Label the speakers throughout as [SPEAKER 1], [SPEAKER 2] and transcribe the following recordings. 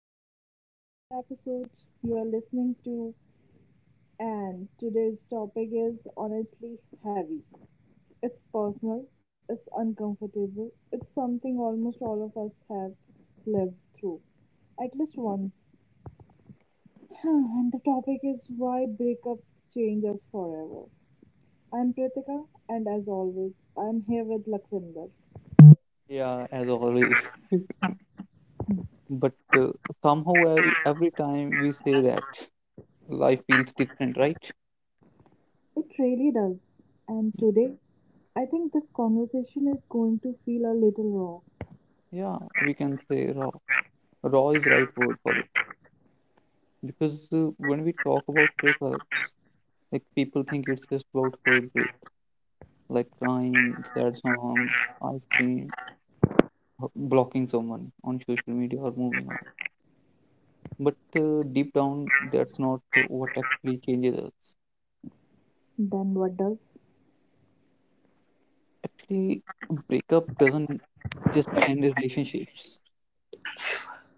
[SPEAKER 1] welcome back to another episode. You're listening to, and today's topic is honestly heavy. It's personal, it's uncomfortable, it's something almost all of us have lived through at least once. And the topic is why breakups change us forever. I'm Pritika, and as always, I'm here with Lakwinder.
[SPEAKER 2] Yeah, as always. But somehow every time we say that, life feels different, right?
[SPEAKER 1] It really does. And today, I think this conversation is going to feel a little raw.
[SPEAKER 2] Yeah, we can say raw. Raw is right word for it. Because when we talk about breakups, like people think it's just about heartbreak, like crying, sad songs, ice cream, blocking someone on social media or moving on. But deep down, that's not what actually changes us.
[SPEAKER 1] Then what does?
[SPEAKER 2] Actually, breakup doesn't just end relationships.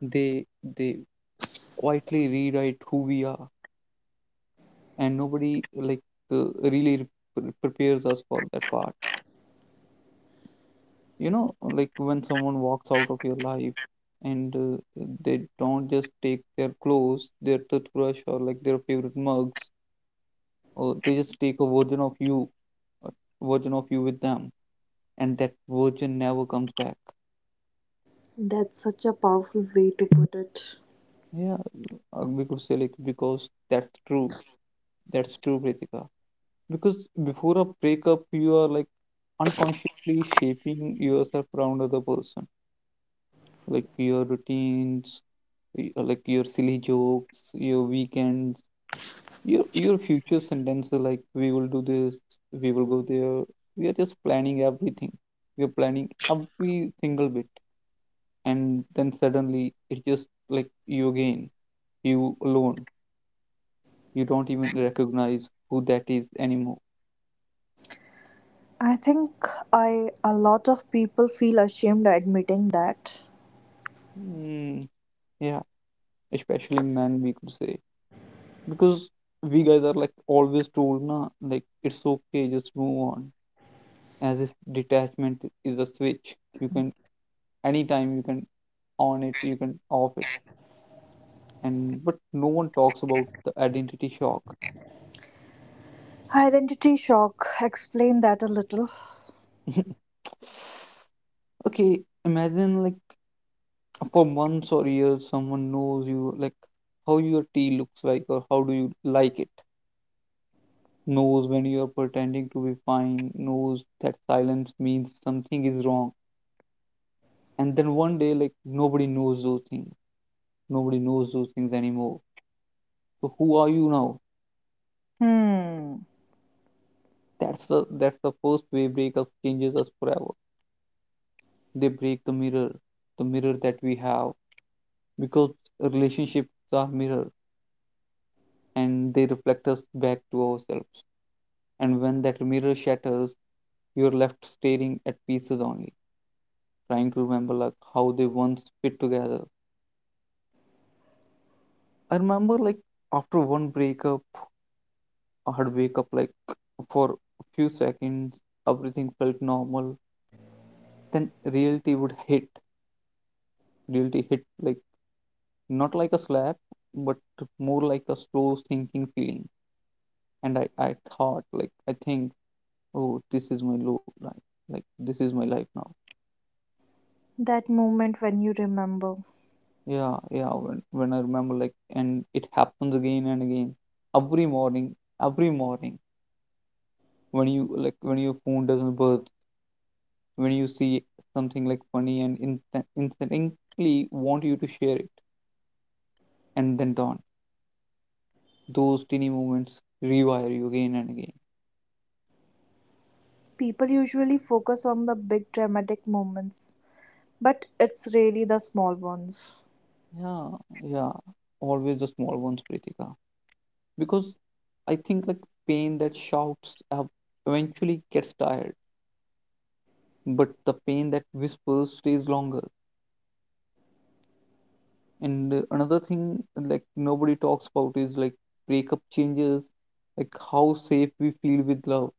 [SPEAKER 2] they they quietly rewrite who we are, and nobody uh, really re- prepares us for that part, you know, like when someone walks out of your life, and they don't just take their clothes, their toothbrush, or like their favorite mugs, or they just take a version of you, a version of you with them, and that version never comes back.
[SPEAKER 1] That's such a powerful way to put it.
[SPEAKER 2] Yeah, we could say like, because that's true. That's true, Pritika. Because before a breakup, you are like unconsciously shaping yourself around other person. Like your routines, like your silly jokes, your weekends, your future sentences like we will do this, we will go there. We are just planning everything. We are planning every single bit. And then suddenly it just like you again, you alone. You don't even recognize who that is anymore.
[SPEAKER 1] I think I a lot of people feel ashamed admitting that.
[SPEAKER 2] mm, yeah, especially men, we could say. Because we guys are like always told na, like it's okay, just move on, as if detachment is a switch you can, anytime you can on it, you can off it. And but no one talks about the identity shock.
[SPEAKER 1] Identity shock. Explain that a little.
[SPEAKER 2] Okay, imagine like for months or years someone knows you like how your tea looks like, or how do you like it, knows when you are pretending to be fine, knows that silence means something is wrong. And then one day, like nobody knows those things, nobody knows those things anymore. So who are you now?
[SPEAKER 1] Hmm.
[SPEAKER 2] That's the first way breakup changes us forever. They break the mirror, the mirror that we have. Because relationships are mirror, and they reflect us back to ourselves. And when that mirror shatters, you're left staring at pieces only, trying to remember like how they once fit together. I remember like after one breakup, I'd wake up like for a few seconds, everything felt normal. Then reality would hit. Reality hit like not like a slap, but more like a slow sinking feeling. And I thought like I think, oh, this is my low life. Like this is my life now.
[SPEAKER 1] That moment when you remember.
[SPEAKER 2] Yeah, yeah. When I remember like, and it happens again and again. Every morning, every morning, when you like, when your phone doesn't buzz, when you see something like funny and instinctively want you to share it, and then dawn. Those teeny moments rewire you again and again.
[SPEAKER 1] People usually focus on the big dramatic moments, but it's really the small ones.
[SPEAKER 2] Yeah, yeah, always the small ones, Pritika. Because I think like pain that shouts up eventually gets tired, but the pain that whispers stays longer. And another thing like nobody talks about is like breakup changes like how safe we feel with love.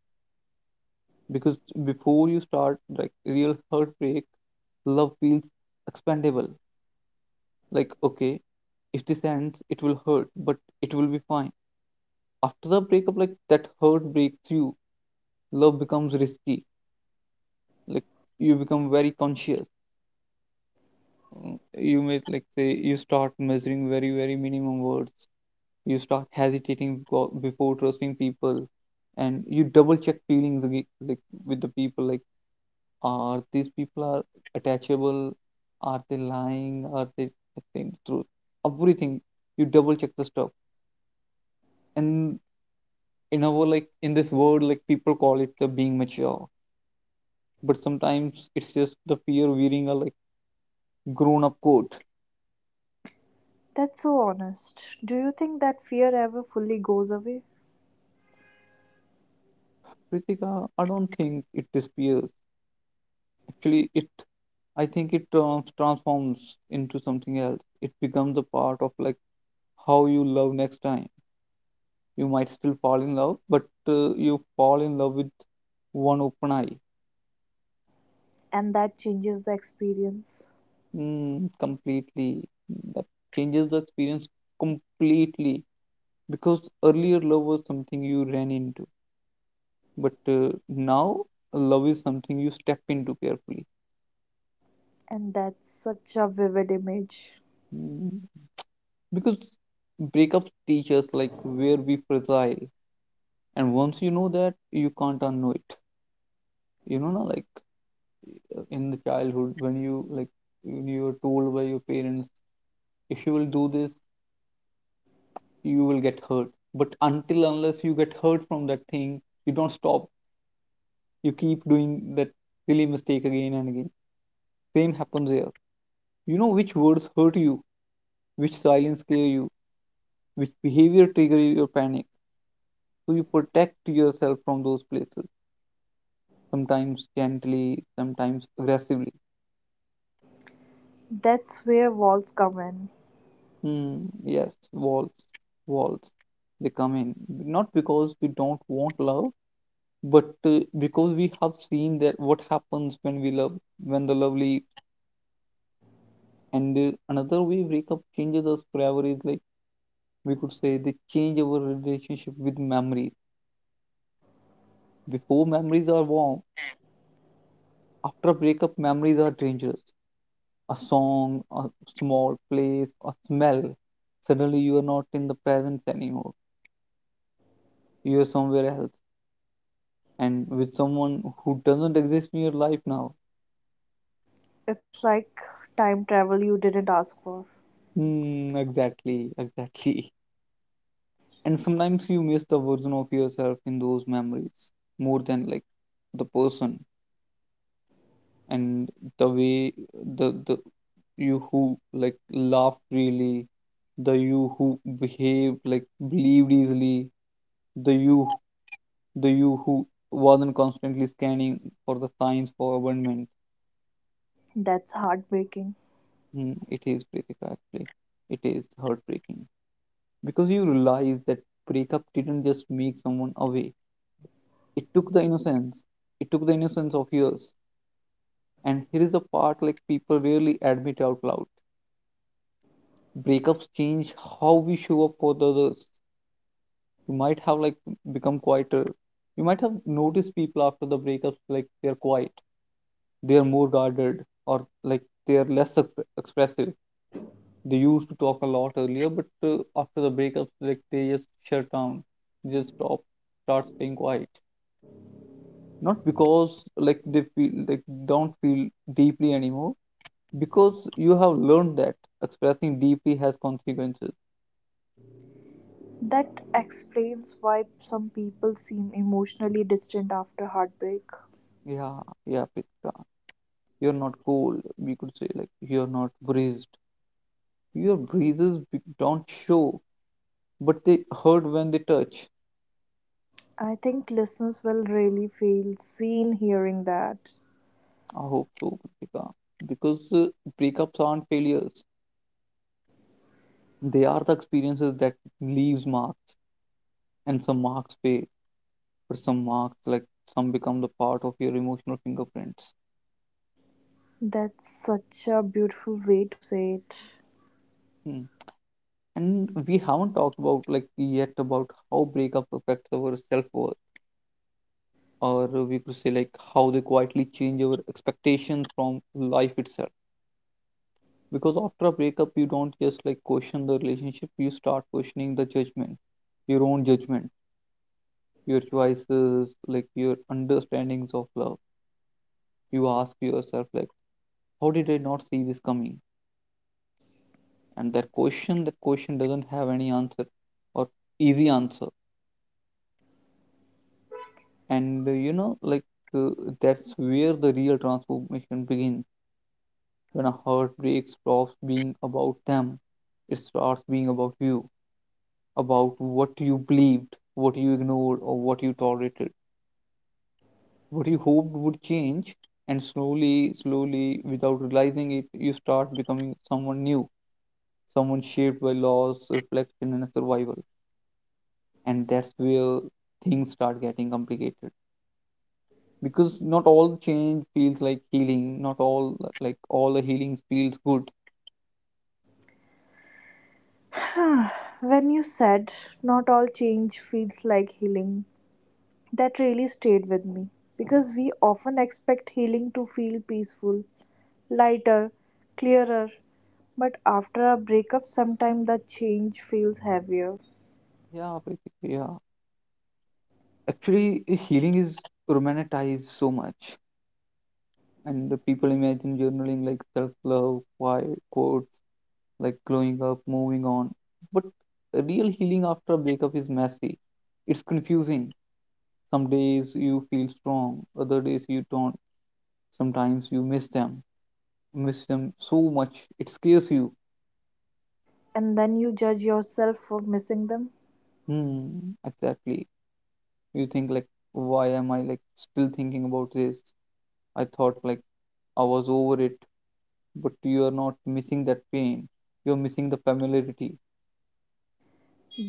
[SPEAKER 2] Because before you start like real heartbreak, love feels expandable. Like okay, if this ends it will hurt, but it will be fine. After the breakup, like that hurt breaks, love becomes risky. Like you become very conscious. You may like say you start measuring very very minimum words. You start hesitating before trusting people. And you double check feelings again, like with the people like, are these people are attachable? Are they lying? Are they saying the truth? Everything, you double check the stuff. And in our, like in this world, like people call it the being mature, but sometimes it's just the fear wearing a like grown up coat.
[SPEAKER 1] That's so honest. Do you think that fear ever fully goes away?
[SPEAKER 2] Ritika, I don't think it disappears. Actually, it, I think it transforms into something else. It becomes a part of like how you love next time. You might still fall in love, but you fall in love with one open eye.
[SPEAKER 1] And that changes the experience.
[SPEAKER 2] Completely, that changes the experience completely. Because earlier love was something you ran into, but now love is something you step into carefully.
[SPEAKER 1] And that's such a vivid image.
[SPEAKER 2] Mm, because breakups teach us like where we fragile, and once you know that you can't unknow it. You know na, like in the childhood when you like, when you were told by your parents, if you will do this you will get hurt, but until unless you get hurt from that thing, you don't stop. You keep doing that silly mistake again and again. Same happens here. You know which words hurt you, which silence scare you, which behavior trigger your panic. So you protect yourself from those places, sometimes gently, sometimes aggressively.
[SPEAKER 1] That's where walls come in.
[SPEAKER 2] mm, yes, Walls they come in not because we don't want love, but because we have seen that what happens when we love, when the lovely. And another way breakup changes us forever is like, we could say they change our relationship with memories. Before memories are warm, after a breakup, memories are dangerous. A song, a small place, a smell. Suddenly you are not in the presence anymore. You are somewhere else and with someone who doesn't exist in your life now.
[SPEAKER 1] It's like time travel you didn't ask for.
[SPEAKER 2] Hmm, exactly, exactly. And sometimes you miss the version of yourself in those memories more than like the person. And the way, the you who like laugh freely, the you who behave like believed easily, the you, the you who wasn't constantly scanning for the signs for abandonment.
[SPEAKER 1] That's heartbreaking.
[SPEAKER 2] It is, Pritika, actually. It is heartbreaking. Because you realize that breakup didn't just make someone away, it took the innocence, it took the innocence of yours. And here is a part like people rarely admit out loud. Breakups change how we show up for the others. You might have like become quieter. You might have noticed people after the breakups like they're quiet, they're more guarded, or like they're less expressive. They used to talk a lot earlier, but after the breakups, like they just shut down, they just stop, start staying quiet. Not because like they feel, like don't feel deeply anymore, because you have learned that expressing deeply has consequences.
[SPEAKER 1] That explains why some people seem emotionally distant after heartbreak.
[SPEAKER 2] Yeah, yeah, Pritika. You're not cold, we could say, like you're not breezed. Your breezes don't show, but they hurt when they touch.
[SPEAKER 1] I think listeners will really feel seen hearing that.
[SPEAKER 2] I hope so, Kritika. Because breakups aren't failures, they are the experiences that leaves marks. And some marks fade, but some marks like some become the part of your emotional fingerprints.
[SPEAKER 1] That's such a beautiful way to say it.
[SPEAKER 2] Hmm. And we haven't talked about like yet about how breakup affects our self-worth, or we could say like how they quietly change our expectations from life itself. Because after a breakup you don't just like question the relationship, you start questioning the judgment, your own judgment, your choices, like your understandings of love. You ask yourself like, how did I not see this coming? And that question doesn't have any answer, or easy answer. And you know like, uh, that's where the real transformation begins. When a heartbreak stops being about them, it starts being about you. About what you believed, what you ignored, or what you tolerated, what you hoped would change. And slowly, slowly, without realizing it, you start becoming someone new, someone shaped by loss, reflection, and survival. And that's where things start getting complicated, because not all change feels like healing, not all like all the healing feels good.
[SPEAKER 1] When you said not all change feels like healing, that really stayed with me because we often expect healing to feel peaceful, lighter, clearer. But after a breakup, sometimes the change feels heavier,
[SPEAKER 2] Yeah, basically, yeah. Actually, healing is romanticized so much. And the people imagine journaling like self love, quiet quotes, like growing up, moving on. But real healing after a breakup is messy. It's confusing. Some days you feel strong, other days you don't. Sometimes you miss them so much it scares you.
[SPEAKER 1] and then you judge yourself for missing them.
[SPEAKER 2] Hmm, exactly. You think like, why am I like still thinking about this? I thought like I was over it, but you are not missing that pain. You are missing the familiarity.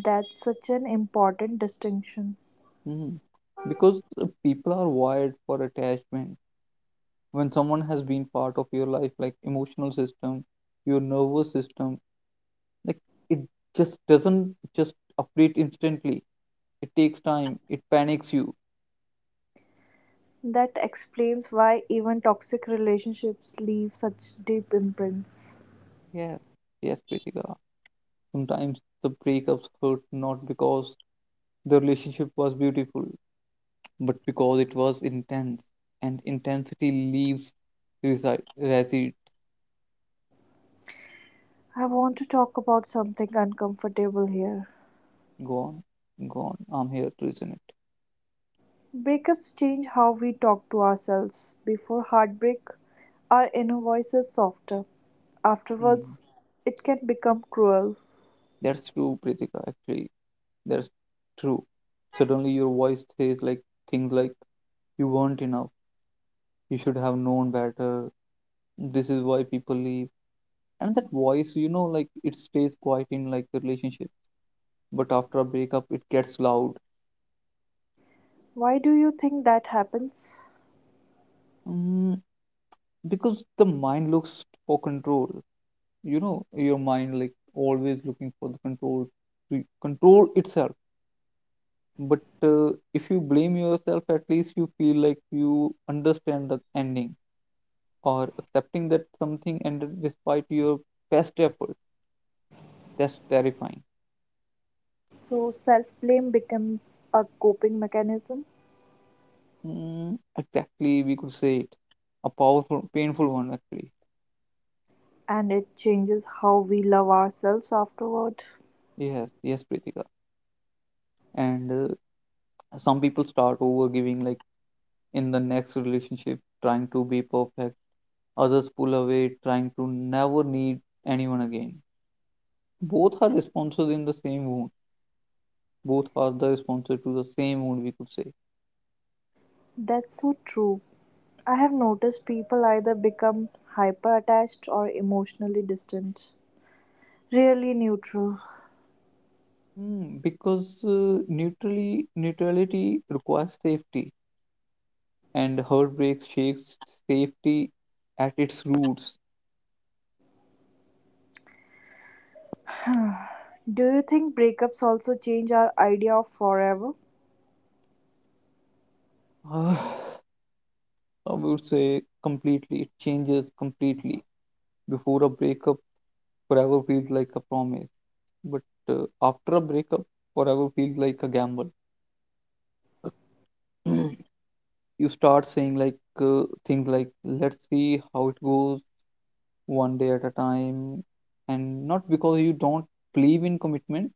[SPEAKER 1] That's such an important distinction.
[SPEAKER 2] Mhm. Because people are wired for attachment. When someone has been part of your life, like emotional system, your nervous system, like it just doesn't just update instantly. It takes time. It panics you.
[SPEAKER 1] That explains why even toxic relationships leave such deep imprints.
[SPEAKER 2] Yeah. Yes, Pritika. Sometimes the breakups hurt not because the relationship was beautiful, but because it was intense. And intensity leaves reside, resides.
[SPEAKER 1] I want to talk about something uncomfortable here.
[SPEAKER 2] Go on. Go on. I'm here to listen
[SPEAKER 1] Breakups change how we talk to ourselves. Before heartbreak, our inner voice is softer.
[SPEAKER 2] it.
[SPEAKER 1] Afterwards, it can become cruel.
[SPEAKER 2] That's true, Pritika. Actually, that's true. Suddenly, your voice says like things like, "You weren't enough. You should have known better. This is why people leave." And that voice, you know, like it stays quiet in like a relationship, but after a breakup, it gets loud.
[SPEAKER 1] Why do you think that happens?
[SPEAKER 2] Mm, because the mind looks for control. You know, your mind like always looking for the control to control itself. But if you blame yourself, at least you feel like you understand the ending or accepting that something ended despite your best effort. That's terrifying.
[SPEAKER 1] So, self blame becomes a coping mechanism
[SPEAKER 2] Exactly, we could say it. A powerful, painful one, actually.
[SPEAKER 1] and it changes how we love ourselves afterward.
[SPEAKER 2] Yes, yes, Pritika. And some people start over giving, like in the next relationship, trying to be perfect. Others pull away, trying to never need anyone again. Both are responses in the same wound. Both are the responses to the same wound, we could say.
[SPEAKER 1] That's so true. I have noticed people either become hyper attached or emotionally distant, really neutral.
[SPEAKER 2] Because neutrality requires safety and heartbreak shakes safety at its roots.
[SPEAKER 1] Do you think breakups also change our idea of forever?
[SPEAKER 2] Ah, I would say completely, it changes completely. Before a breakup, forever feels like a promise, but after a breakup, forever feels like a gamble. You start saying like things like, let's see how it goes, one day at a time, and not because you don't believe in commitment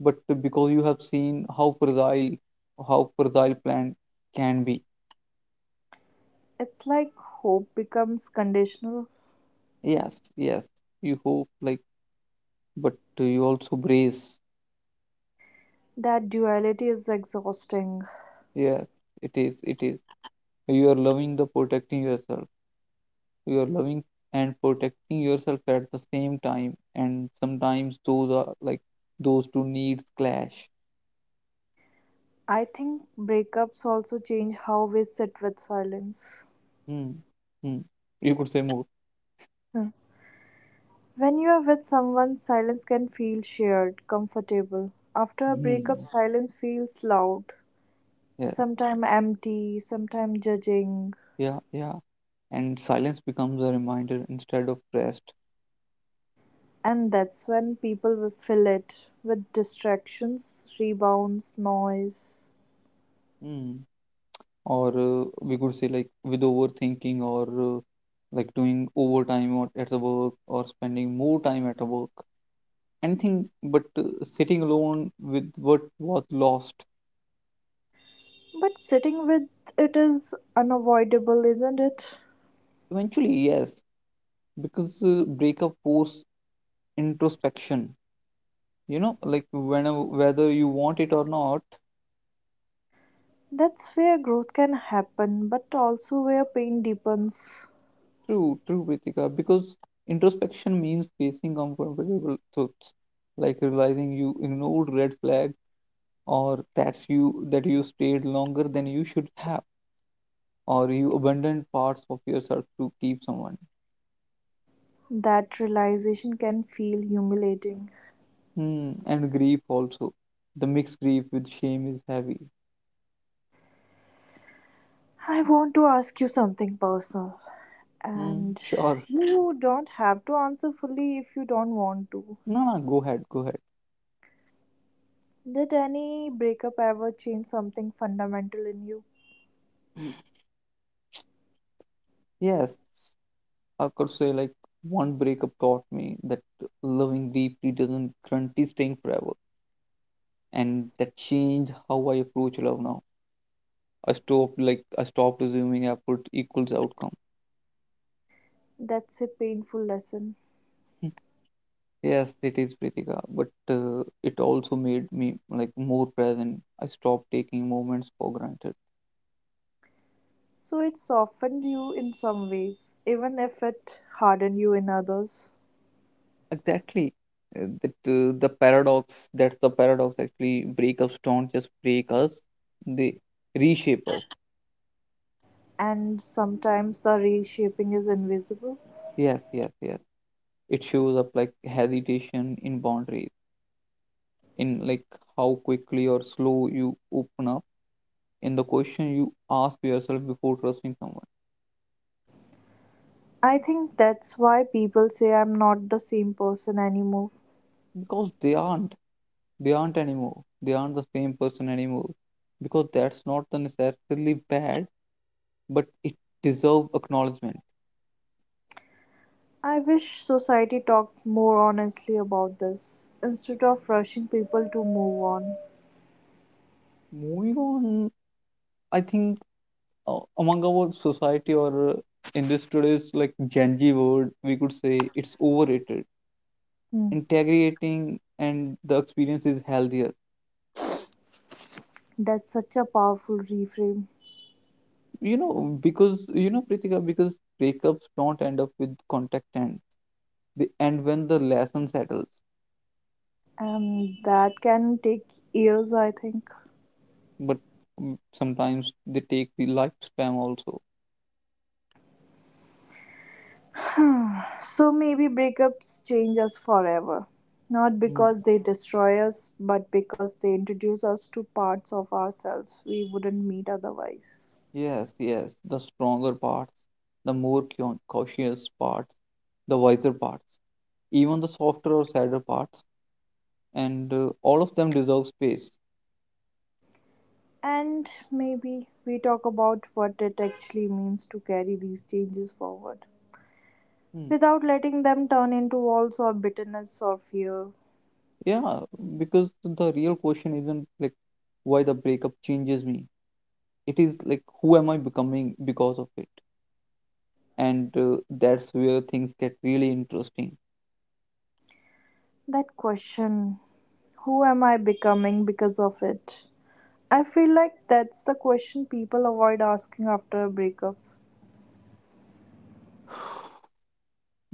[SPEAKER 2] but because you have seen how fragile plan can be.
[SPEAKER 1] It's like hope becomes conditional.
[SPEAKER 2] Yes, yes, you hope, like, but you also brace.
[SPEAKER 1] That duality is exhausting.
[SPEAKER 2] Yes, it is, it is. You are loving the protecting yourself. You are loving and protecting yourself at the same time. And sometimes those are like those two needs clash.
[SPEAKER 1] I think breakups also change how we sit with silence.
[SPEAKER 2] Hmm. Hmm. You could say more.
[SPEAKER 1] Huh. When you are with someone, silence can feel shared, comfortable. After a breakup,
[SPEAKER 2] Hmm.
[SPEAKER 1] silence feels loud,
[SPEAKER 2] Yes.
[SPEAKER 1] sometimes empty, sometimes judging.
[SPEAKER 2] Yeah. Yeah. And silence becomes a reminder instead of rest.
[SPEAKER 1] And that's when people will fill it with distractions, rebounds, noise.
[SPEAKER 2] Hmm. Or we could say like with overthinking or like doing overtime or at the work or spending more time at the work, anything but sitting alone with what was lost.
[SPEAKER 1] But sitting with it is unavoidable, isn't it?
[SPEAKER 2] Eventually, yes, because breakup force introspection, you know, like whenever, whether you want it or not.
[SPEAKER 1] That's where growth can happen, but also where pain deepens.
[SPEAKER 2] True, true, Pritika, because introspection means facing uncomfortable truths, like realizing you ignored red flags or that's you that you stayed longer than you should have or you abandoned parts of yourself to keep someone.
[SPEAKER 1] That realization can feel humiliating.
[SPEAKER 2] Hmm. And grief also, the mixed grief with shame is heavy.
[SPEAKER 1] I want to ask you something personal,
[SPEAKER 2] Hmm.
[SPEAKER 1] and
[SPEAKER 2] Sure.
[SPEAKER 1] you don't have to answer fully if you don't want to.
[SPEAKER 2] No, no, go ahead, go ahead.
[SPEAKER 1] Did any breakup ever change something fundamental in you?
[SPEAKER 2] Yes, I could say like one breakup taught me that loving deeply doesn't guarantee staying forever, and that changed how I approach love now. I stopped assuming effort equals outcome.
[SPEAKER 1] That's a painful lesson.
[SPEAKER 2] Yes, it is, Pritika, but it also made me like more present. I stopped taking moments for granted.
[SPEAKER 1] So it softened you in some ways, even if it hardened you in others.
[SPEAKER 2] Exactly. That's the paradox, actually. Breakups don't just break us, they reshape us.
[SPEAKER 1] And sometimes the reshaping is invisible.
[SPEAKER 2] Yes, yes, yes. It shows up like hesitation in boundaries, in like how quickly or slow you open up, in the question you ask yourself before trusting someone,
[SPEAKER 1] I think that's why people say I'm not the same person anymore.
[SPEAKER 2] because they aren't anymore. They aren't the same person anymore. Because that's not the necessarily bad, but it deserves acknowledgement.
[SPEAKER 1] I wish society talked more honestly about this instead of rushing people to move on.
[SPEAKER 2] Moving on, I think among our society or in this today's like Gen Z world, we could say it's overrated.
[SPEAKER 1] Hmm.
[SPEAKER 2] Integrating and the experience is healthier.
[SPEAKER 1] That's such a powerful reframe,
[SPEAKER 2] You know, because you know, Pritika, because breakups don't end up with contact ends. They end when the lesson settles.
[SPEAKER 1] and that can take years, I think.
[SPEAKER 2] But sometimes they take the lifespan also.
[SPEAKER 1] So maybe breakups change us forever. Not
[SPEAKER 2] Mm,
[SPEAKER 1] because they destroy us, but because they introduce us to parts of ourselves we wouldn't meet otherwise.
[SPEAKER 2] Yes, yes, the stronger parts, the more cautious parts, the wiser parts, even the softer or sadder parts, and all of them deserve space.
[SPEAKER 1] And maybe we talk about what it actually means to carry these changes forward,
[SPEAKER 2] Hmm.
[SPEAKER 1] without letting them turn into walls or bitterness or fear.
[SPEAKER 2] Yeah, because the real question isn't like, why the breakup changes me. It is like, who am I becoming because of it? And that's where things get really interesting.
[SPEAKER 1] That question, who am I becoming because of it? I feel like that's the question people avoid asking after a breakup.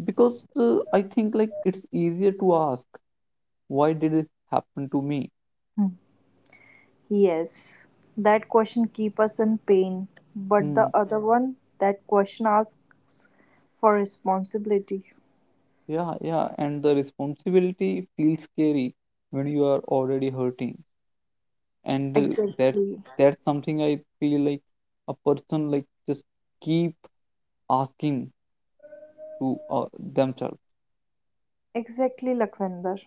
[SPEAKER 2] Because I think like it's easier to ask, why did it happen to me?
[SPEAKER 1] Hmm. Yes, that question keeps us in pain, but the
[SPEAKER 2] Hmm.
[SPEAKER 1] other one, that question asks for responsibility.
[SPEAKER 2] Yeah, yeah, and the responsibility feels scary when you are already hurting, and that's
[SPEAKER 1] Exactly.
[SPEAKER 2] that's something I feel like a person like just keep asking to themselves.
[SPEAKER 1] Exactly, Lakhvinder.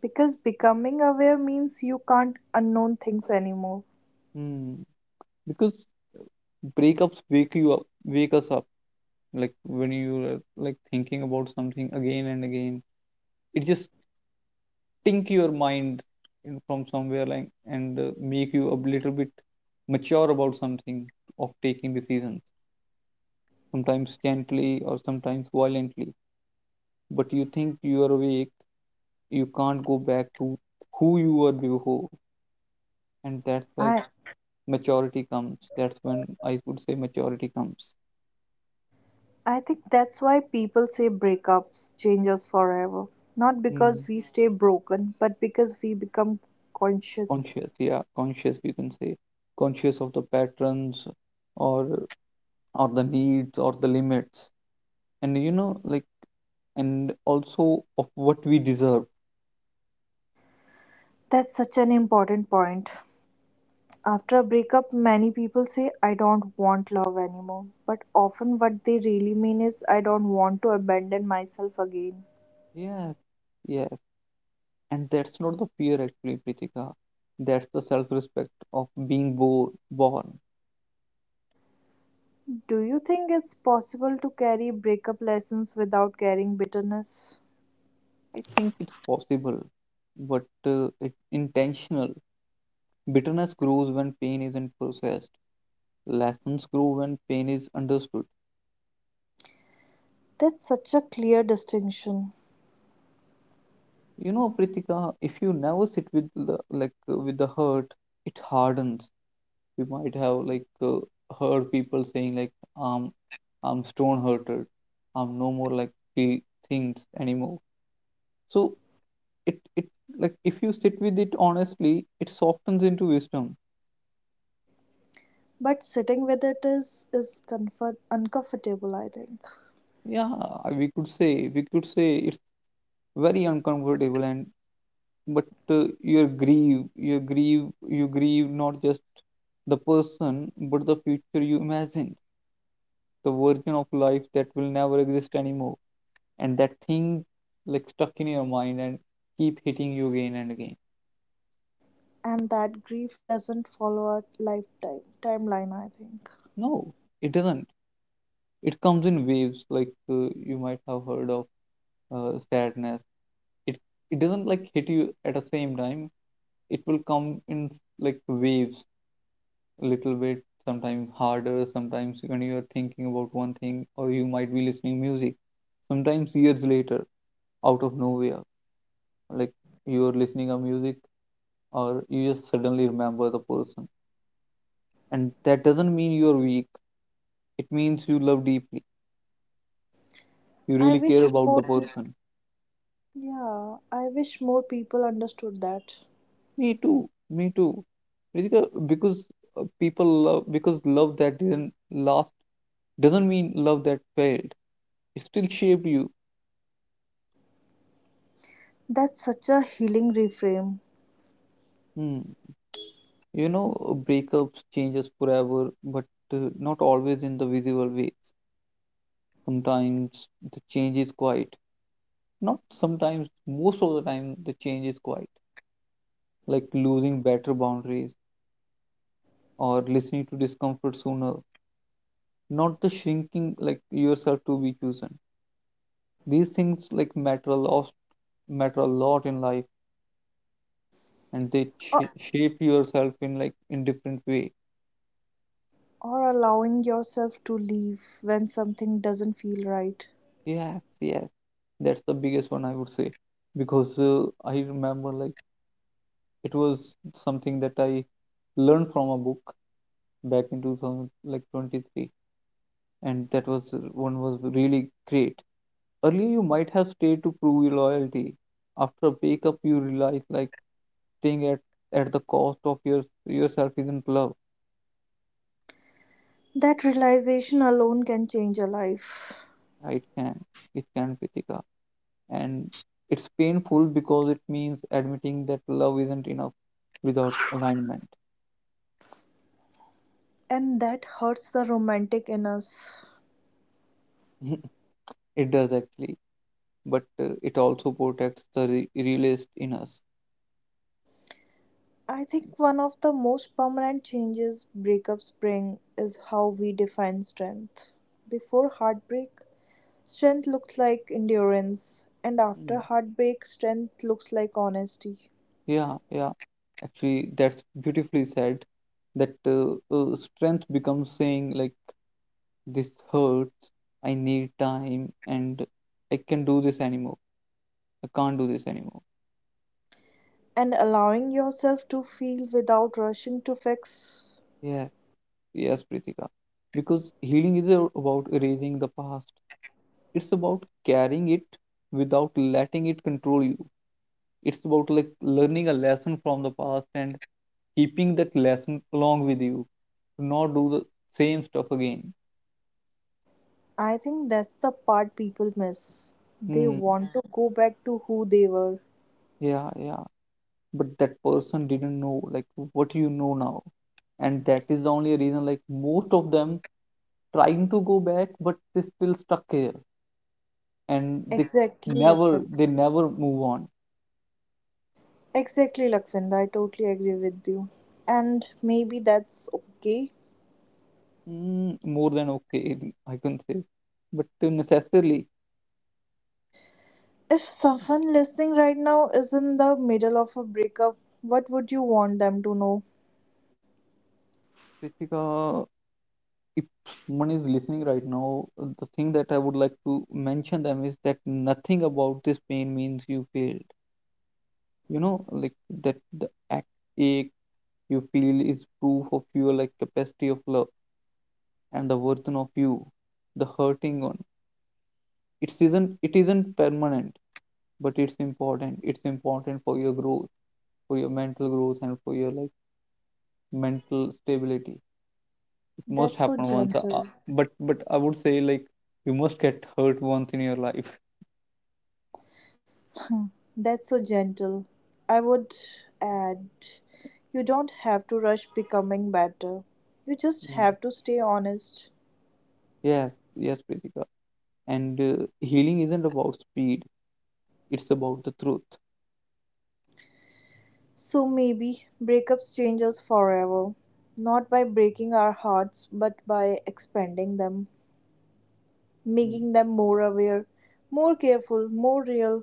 [SPEAKER 1] Because becoming aware means you can't unknown things anymore.
[SPEAKER 2] Hmm. Because breakups wake you up, wake us up. Like when you are like thinking about something again and again, it just stink your mind from somewhere like and make you a little bit mature about something of taking decisions, sometimes gently or sometimes violently. But you think you are awake, you can't go back to who you were before, and that's like
[SPEAKER 1] I
[SPEAKER 2] maturity comes. That's when I would say maturity comes.
[SPEAKER 1] I think that's why people say breakups change us forever. Not
[SPEAKER 2] Hmm.
[SPEAKER 1] because we stay broken, but because we become conscious.
[SPEAKER 2] Conscious, yeah, conscious you can say, conscious of the patterns or or the needs or the limits, and you know like and also of what we deserve.
[SPEAKER 1] That's such an important point. After a breakup, many people say, I don't want love anymore. But often, what they really mean is, I don't want to abandon myself again.
[SPEAKER 2] Yes, yes, and that's not the fear actually, Pritika. That's the self respect of being born.
[SPEAKER 1] Do you think it's possible to carry breakup lessons without carrying bitterness?
[SPEAKER 2] I think it's possible, but it's intentional. Bitterness grows when pain isn't processed, lessons grow when pain is understood.
[SPEAKER 1] That's such a clear distinction.
[SPEAKER 2] You know, Pritika, if you never sit with the, like with the hurt, it hardens. You might have like heard people saying, like, um, I'm stone hurted. I'm no more like feel things anymore. So it like if you sit with it honestly, it softens into wisdom.
[SPEAKER 1] But sitting with it is comfort uncomfortable, I think.
[SPEAKER 2] Yeah, we could say we could say it's very uncomfortable, and but you grieve you grieve not just the person but the future you imagined, the version of life that will never exist anymore, and that thing like stuck in your mind and keep hitting you again and again.
[SPEAKER 1] And that grief doesn't follow a lifetime timeline, I think.
[SPEAKER 2] No, it doesn't, it comes in waves, like you might have heard of sadness. It it doesn't like hit you at the same time, it will come in like waves, a little bit, sometimes harder, sometimes when you are thinking about one thing or you might be listening music, sometimes years later, out of nowhere, like you are listening a music or you just suddenly remember the person, and that doesn't mean you're weak, it means you love deeply, you
[SPEAKER 1] I
[SPEAKER 2] really
[SPEAKER 1] wish
[SPEAKER 2] care about
[SPEAKER 1] more
[SPEAKER 2] the
[SPEAKER 1] people,
[SPEAKER 2] person.
[SPEAKER 1] more people understood that.
[SPEAKER 2] Me too, me too, Ritika, because people love because love that didn't last doesn't mean love that failed. It still shaped you.
[SPEAKER 1] That's such a healing reframe.
[SPEAKER 2] Hmm. You know, breakups changes forever, but not always in the visible ways. Sometimes the change is quiet. Not sometimes, most of the time, the change is quiet. Like losing better boundaries or listening to discomfort sooner. Not the shrinking like yourself to be chosen. These things like matter a lot in life, and they
[SPEAKER 1] Or,
[SPEAKER 2] shape yourself in like in different way.
[SPEAKER 1] or allowing yourself to leave when something doesn't feel right.
[SPEAKER 2] Yes, yes. That's the biggest one I would say because I remember like it was something that I learned from a book back in 2000 like 23, and that was one was really great. Earlier you might have stayed to prove your loyalty. After a breakup you realize like staying at the cost of yourself isn't love.
[SPEAKER 1] That realization alone can change a life.
[SPEAKER 2] Yeah, it can, it can, Pritika, and it's painful because it means admitting that love isn't enough without alignment.
[SPEAKER 1] And that hurts the romantic in us.
[SPEAKER 2] It does actually, but it also protects the re realist in us.
[SPEAKER 1] I think one of the most permanent changes breakups bring is how we define strength. Before heartbreak, strength looked like endurance, and
[SPEAKER 2] Mm.
[SPEAKER 1] after heartbreak, strength looks like honesty
[SPEAKER 2] Yeah, yeah. Actually, that's beautifully said. That Strength becomes saying like, this hurts. I need time, and I can do this anymore. I can't do this anymore.
[SPEAKER 1] and allowing yourself to feel without rushing to fix.
[SPEAKER 2] Yes, yes, Pritika. Because healing is about erasing the past. It's about carrying it without letting it control you. It's about like learning a lesson from the past and keeping that lesson along with you to not do the same stuff again.
[SPEAKER 1] I think that's the part people miss. They
[SPEAKER 2] Hmm,
[SPEAKER 1] want to go back to who they were.
[SPEAKER 2] yeah, yeah. But that person didn't know like what you know now. And that is the only reason like most of them trying to go back but they still stuck here and they
[SPEAKER 1] Exactly,
[SPEAKER 2] never they
[SPEAKER 1] Lakvinder,
[SPEAKER 2] never move on.
[SPEAKER 1] Exactly, Lakvinder, I totally agree with you. And maybe that's okay.
[SPEAKER 2] More than okay, I can say. But necessarily,
[SPEAKER 1] If someone listening right now is in the middle of a breakup, what would you want them to know?
[SPEAKER 2] Pritika, if someone is listening right now, the thing that I would like to mention them is that nothing about this pain means you failed. You know, like that the act ache you feel is proof of your like capacity of love and the version of you, the hurting one. It isn't permanent, but it's important. It's important for your growth, for your mental growth, and for your like mental stability. It must
[SPEAKER 1] That's so
[SPEAKER 2] happen once, uh, uh,
[SPEAKER 1] gentle.
[SPEAKER 2] but but I would say like you must get hurt once in your life.
[SPEAKER 1] That's so gentle. I would add, you don't have to rush becoming better. You just have to stay honest.
[SPEAKER 2] Yes, yes, Pritika. And healing isn't about speed, it's about the truth.
[SPEAKER 1] So maybe breakups change us forever. Not by breaking our hearts, but by expanding them,
[SPEAKER 2] Mm.
[SPEAKER 1] making them more aware, more careful, more real.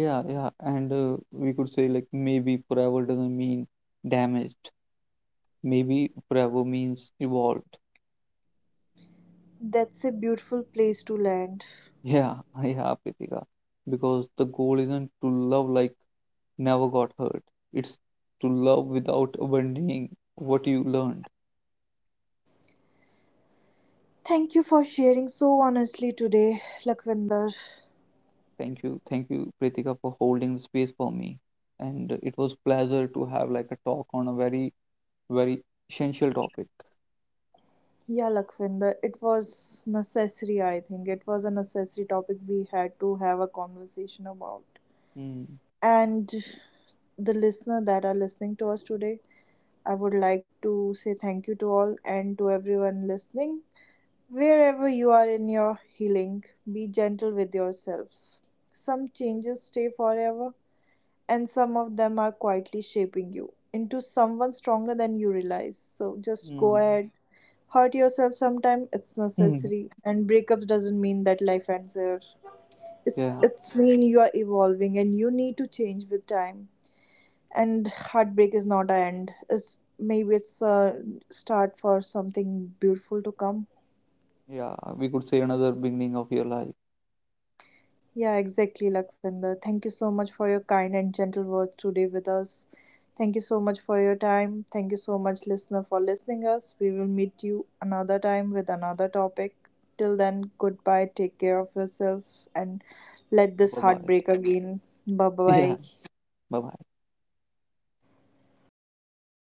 [SPEAKER 2] Yeah, yeah. And we could say, like, maybe forever doesn't mean damaged. Maybe forever means evolved.
[SPEAKER 1] That's a beautiful place to land.
[SPEAKER 2] Yeah, yeah, Pritika. Because the goal isn't to love like never got hurt, it's to love without abandoning what you learned.
[SPEAKER 1] Thank you for sharing so honestly today, Lakwinder.
[SPEAKER 2] Thank you, Pritika, for holding the space for me. And it was pleasure to have like a talk on a very very essential topic.
[SPEAKER 1] Yeah, Lakwinder, it was necessary, I think. It was a necessary topic we had to have a conversation about.
[SPEAKER 2] Mm,
[SPEAKER 1] And the listener that are listening to us today, I would like to say thank you to all and to everyone listening. Wherever you are in your healing, be gentle with yourself. Some changes stay forever, and some of them are quietly shaping you into someone stronger than you realize, so just go
[SPEAKER 2] mm,
[SPEAKER 1] ahead, hurt yourself sometime, it's necessary, and breakups doesn't mean that life ends here, it's
[SPEAKER 2] yeah,
[SPEAKER 1] it's mean you are evolving and you need to change with time, and heartbreak is not an end, it's maybe it's a start for something beautiful to come.
[SPEAKER 2] yeah, we could say another beginning of your life.
[SPEAKER 1] Yeah, exactly, Lakvinder. Thank you so much for your kind and gentle words today with us. Thank you so much for your time. Thank you so much, listener, for listening us. We will meet you another time with another topic. Till then, goodbye. Take care of yourself and let this
[SPEAKER 2] Bye
[SPEAKER 1] heart
[SPEAKER 2] bye.
[SPEAKER 1] break again.
[SPEAKER 2] Yeah,
[SPEAKER 1] Bye
[SPEAKER 2] bye bye.